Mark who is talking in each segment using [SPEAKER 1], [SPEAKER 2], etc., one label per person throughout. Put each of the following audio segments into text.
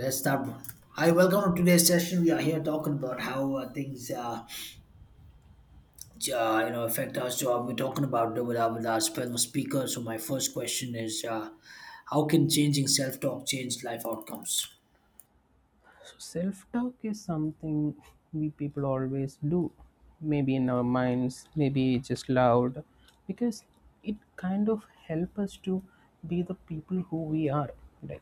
[SPEAKER 1] Let's start. Hi, welcome to today's session. We are here talking about how things, affect our job. We're talking about it with with our fellow speaker. So my first question is, how can changing self-talk change life outcomes?
[SPEAKER 2] So self-talk is something we people always do, maybe in our minds, maybe just loud, because it kind of help us to be the people who we are. Right?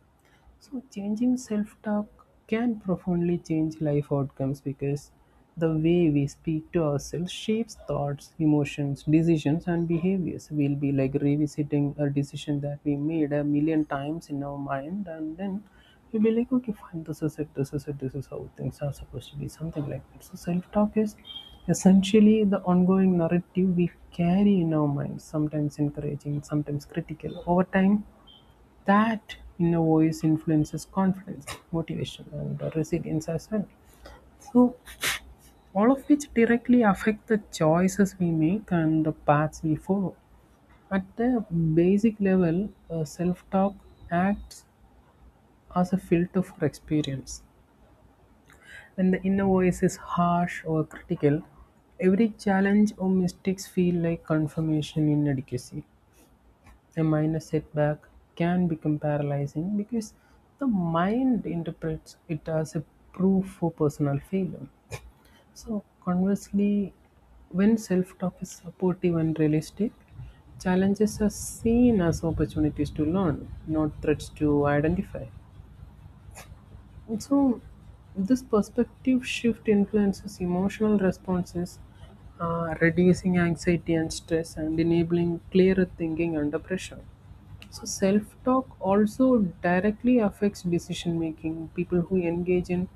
[SPEAKER 2] So, changing self talk can profoundly change life outcomes because the way we speak to ourselves shapes thoughts, emotions, decisions, and behaviors. We'll be like revisiting a decision that we made a million times in our mind, and then we will be like, okay, fine, this is it, this is how things are supposed to be, something like that. So, self talk is essentially the ongoing narrative we carry in our minds, sometimes encouraging, sometimes critical. Over time, that inner voice influences confidence, motivation, and resilience as well. So, all of which directly affect the choices we make and the paths we follow. At the basic level, self talk acts as a filter for experience. When the inner voice is harsh or critical, every challenge or mistakes feel like confirmation inadequacy. A minor setback can become paralyzing because the mind interprets it as a proof for personal failure. So, conversely, when self talk is supportive and realistic, challenges are seen as opportunities to learn, not threats to identify. And so, this perspective shift influences emotional responses, reducing anxiety and stress, and enabling clearer thinking under pressure. So self-talk also directly affects decision making. People who engage in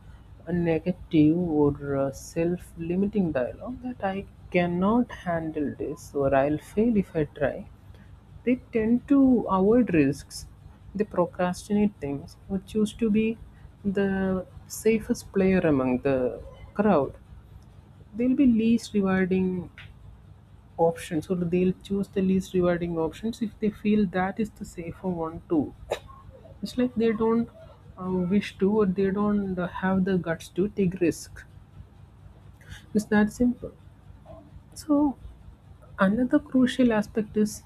[SPEAKER 2] a negative or self-limiting dialogue that I cannot handle this or I'll fail if I try, they tend to avoid risks. They procrastinate things or choose to be the safest player among the crowd. They'll be least rewarding options, or they'll choose the least rewarding options if they feel that is the safer one too. It's like they don't wish to, or they don't have the guts to take risk. It's that simple. So another crucial aspect is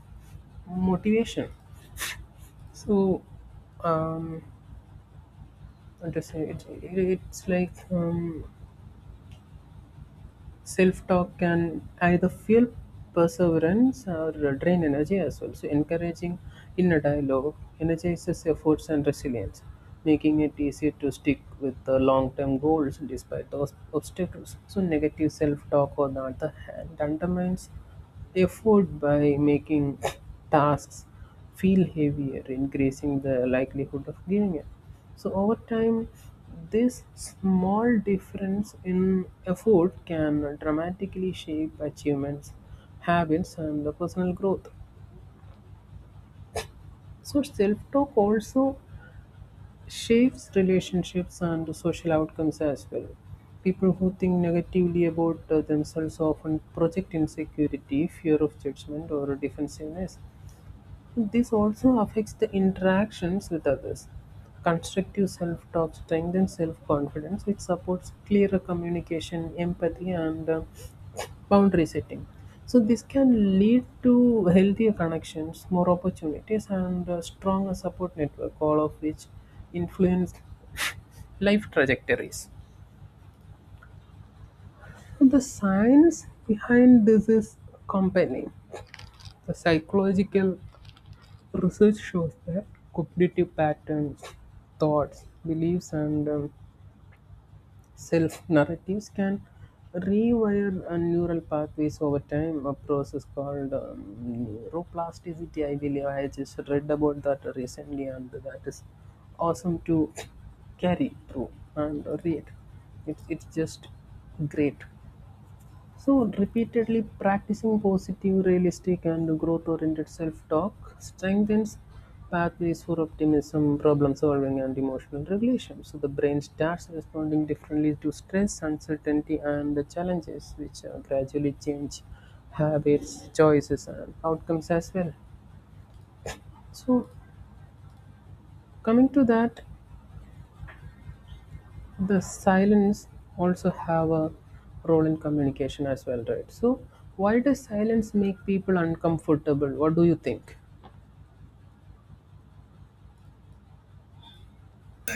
[SPEAKER 2] motivation. So um, what to say it, it, it's like self talk can either fuel perseverance or drain energy as well. So, encouraging inner dialogue energizes efforts and resilience, making it easier to stick with the long term goals despite those obstacles. So, negative self talk, on the other hand, undermines effort by making tasks feel heavier, increasing the likelihood of giving up. So, over time, this small difference in effort can dramatically shape achievements, habits, and the personal growth. So, self talk also shapes relationships and social outcomes as well. People who think negatively about themselves often project insecurity, fear of judgment, or defensiveness. This also affects the interactions with others. Constructive self talk strengthens self confidence, which supports clearer communication, empathy, and boundary setting. So, this can lead to healthier connections, more opportunities, and a stronger support network, all of which influence life trajectories. The science behind this is compelling. The psychological research shows that cognitive patterns, thoughts, beliefs, and self narratives can rewire neural pathways over time, a process called neuroplasticity. I believe I just read about that recently, and that is awesome to carry through and read. It's just great. So, repeatedly practicing positive, realistic, and growth oriented self talk strengthens pathways for optimism, problem solving, and emotional regulation. So, the brain starts responding differently to stress, uncertainty, and the challenges, which gradually change habits, choices, and outcomes as well. So, coming to that, the silence also have a role in communication as well, right? So why does silence make people uncomfortable? What do you think?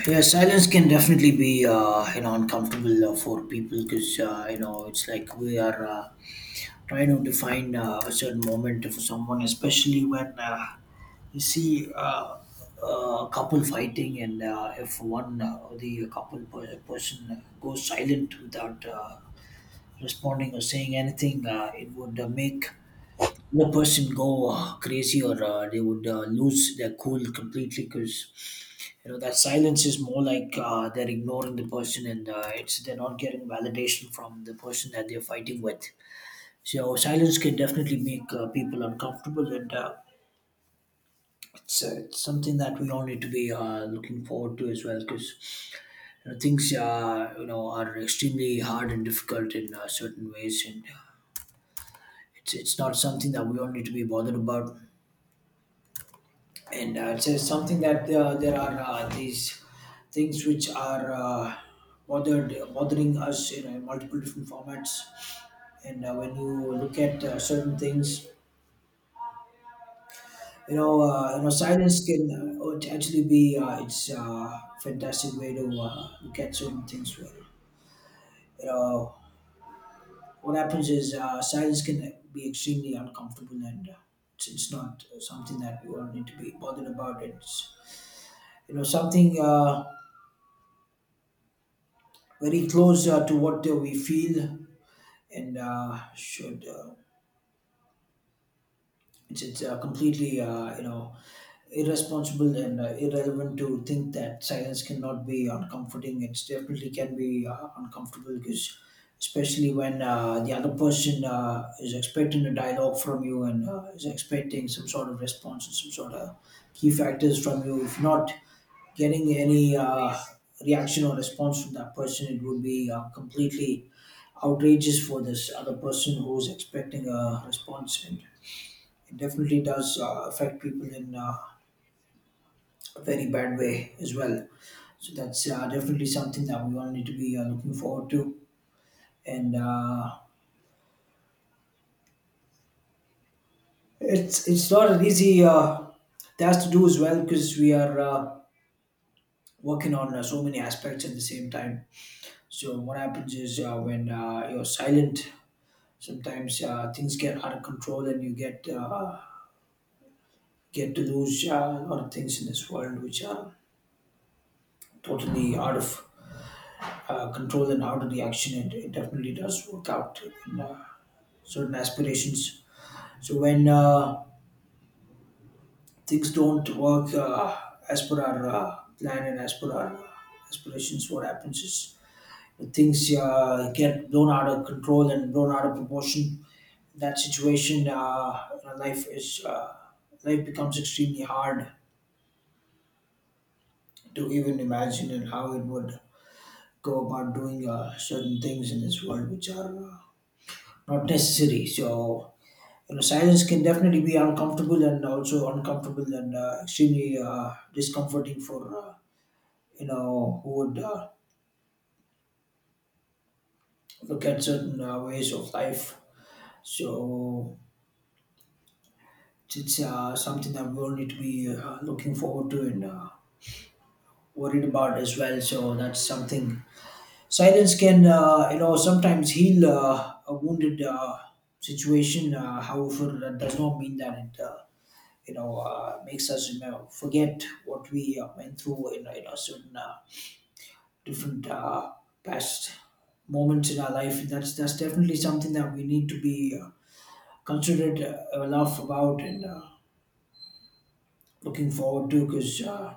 [SPEAKER 1] Yeah, silence can definitely be you know uncomfortable for people because you know it's like we are trying to define a certain moment for someone, especially when you see uh, a couple fighting and if one the couple person goes silent without responding or saying anything. It would make the person go crazy, or they would lose their cool completely, because you know, that silence is more like they're ignoring the person, and it's they're not getting validation from the person that they're fighting with. So silence can definitely make people uncomfortable, and it's something that we all need to be looking forward to as well, because you know, things you know are extremely hard and difficult in certain ways, and it's not something that we all need to be bothered about. And so it's something that there are these things which are bothered bothering us in multiple different formats. And when you look at certain things, you know silence can it actually be it's fantastic way to look at certain things where you know what happens is silence can be extremely uncomfortable, and it's not something that we all need to be bothered about. It's you know something very close to what we feel, and it's completely you know irresponsible and irrelevant to think that silence cannot be uncomforting. It definitely can be uncomfortable, because especially when the other person is expecting a dialogue from you, and is expecting some sort of response and some sort of key factors from you. If not getting any reaction or response from that person, it would be completely outrageous for this other person who's expecting a response. And it definitely does affect people in a very bad way as well. So that's definitely something that we all need to be looking forward to. And it's not an easy task to do as well, because we are working on so many aspects at the same time. So what happens is when you're silent, sometimes things get out of control, and you get to lose a lot of things in this world which are totally out of control and out of reaction. It definitely does work out in certain aspirations. So when things don't work as per our plan and as per our aspirations, what happens is things get blown out of control and blown out of proportion. That situation, life is life becomes extremely hard to even imagine, and how it would go about doing certain things in this world which are not necessary. So, you know, silence can definitely be uncomfortable and also uncomfortable, and extremely discomforting for, you know, who would look at certain ways of life. So, it's something that we all need to be looking forward to and worried about as well. So, that's something. Silence can, you know, sometimes heal a wounded situation. However, that does not mean that it, you know, makes us you know, forget what we went through in a certain different past moments in our life. That's definitely something that we need to be considerate enough about and looking forward to, because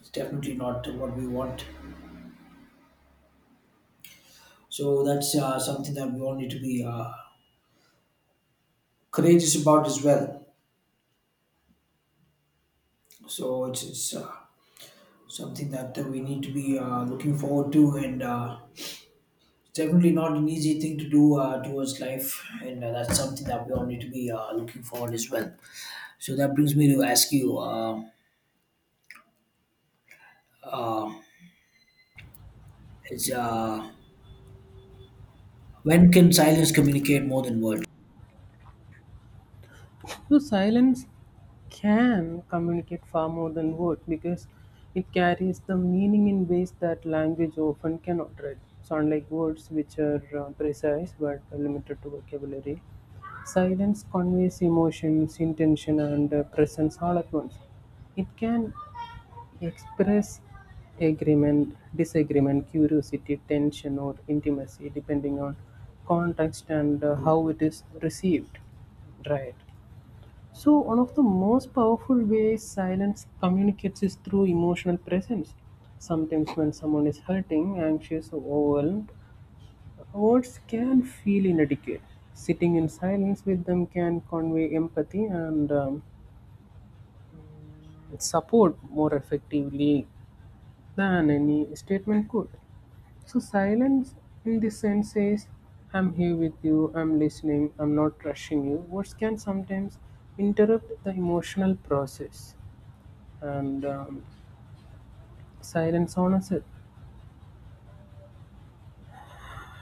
[SPEAKER 1] it's definitely not what we want. So that's something that we all need to be courageous about as well. So it's something that we need to be looking forward to, and it's definitely not an easy thing to do towards life, and that's something that we all need to be looking forward as well. So that brings me to ask you: Is when can silence communicate more than words?
[SPEAKER 2] So silence can communicate far more than words because it carries the meaning in ways that language often cannot, right? So unlike words, which are precise but limited to vocabulary, silence conveys emotions, intention, and presence all at once. It can express agreement, disagreement, curiosity, tension, or intimacy, depending on context and how it is received. Right. So, one of the most powerful ways silence communicates is through emotional presence. Sometimes, when someone is hurting, anxious, or overwhelmed, words can feel inadequate. Sitting in silence with them can convey empathy and support more effectively than any statement could. So silence in this sense says, I'm here with you, I'm listening, I'm not rushing you. Words can sometimes interrupt the emotional process. And silence honors it.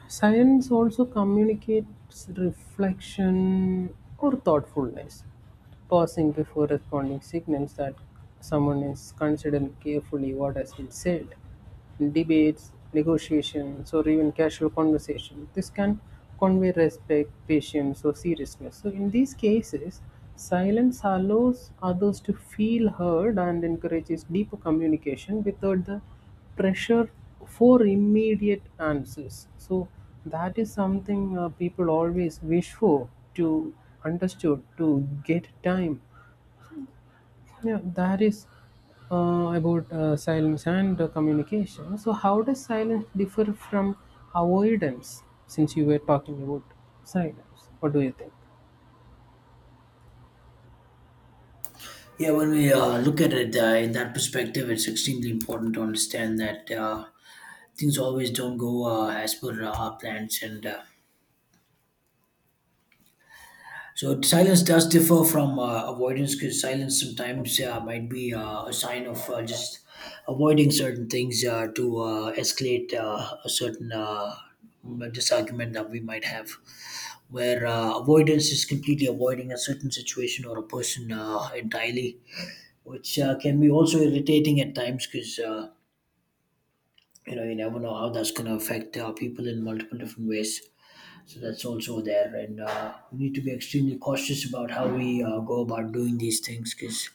[SPEAKER 2] Silence also communicates reflection or thoughtfulness. Pausing before responding signals that someone is considering carefully what has been said. In debates, negotiations, or even casual conversation, this can convey respect, patience, or seriousness. So, in these cases, silence allows others to feel heard and encourages deeper communication without the pressure for immediate answers. So that is something people always wish for, to understood to get time. Yeah, that is about silence and communication. So how does silence differ from avoidance? Since you were talking about silence, what do you think?
[SPEAKER 1] Yeah, when we look at it in that perspective, it's extremely important to understand that things always don't go as per our plans and. So silence does differ from avoidance, because silence sometimes might be a sign of just avoiding certain things to escalate a certain disargument that we might have. Where avoidance is completely avoiding a certain situation or a person entirely, which can be also irritating at times, because you know you never know how that's going to affect people in multiple different ways. So that's also there, and we need to be extremely cautious about how we go about doing these things, because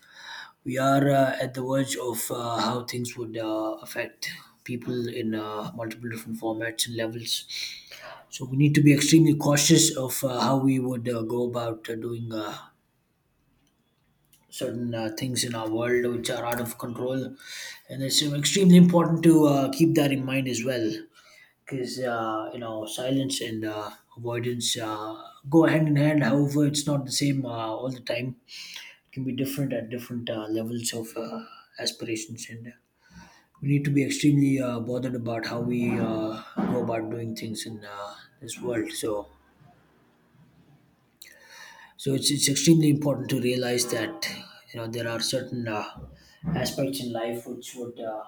[SPEAKER 1] we are at the verge of how things would affect people in multiple different formats and levels. So we need to be extremely cautious of how we would go about doing certain things in our world which are out of control, and it's extremely important to keep that in mind as well, because you know silence and avoidance go hand in hand. However, it's not the same all the time. It can be different at different levels of aspirations, and we need to be extremely bothered about how we go about doing things in this world. So it's extremely important to realize that you know there are certain aspects in life which would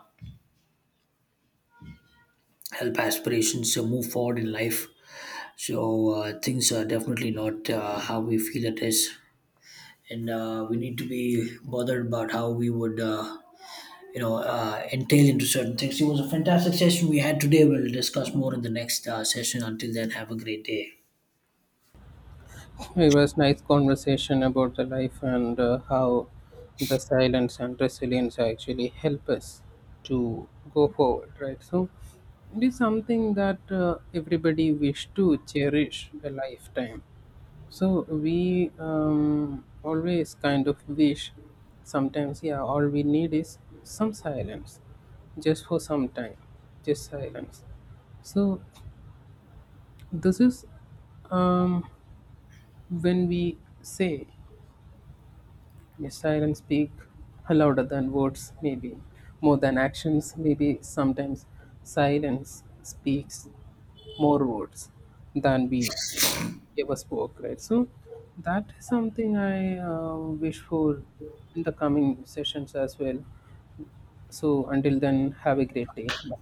[SPEAKER 1] help aspirations move forward in life. So things are definitely not how we feel it is, and we need to be bothered about how we would, entail into certain things. It was a fantastic session we had today. We'll discuss more in the next session. Until then, have a great day.
[SPEAKER 2] It was nice conversation about the life and how the silence and resilience actually help us to go forward, right? So it is something that everybody wish to cherish a lifetime. So we always kind of wish sometimes, yeah, all we need is some silence, just for some time, just silence. So this is um, when we say, yes, silence speak louder than words, maybe more than actions, maybe sometimes silence speaks more words than we ever spoke, right? So that is something I wish for in the coming sessions as well. So until then, have a great day. Bye.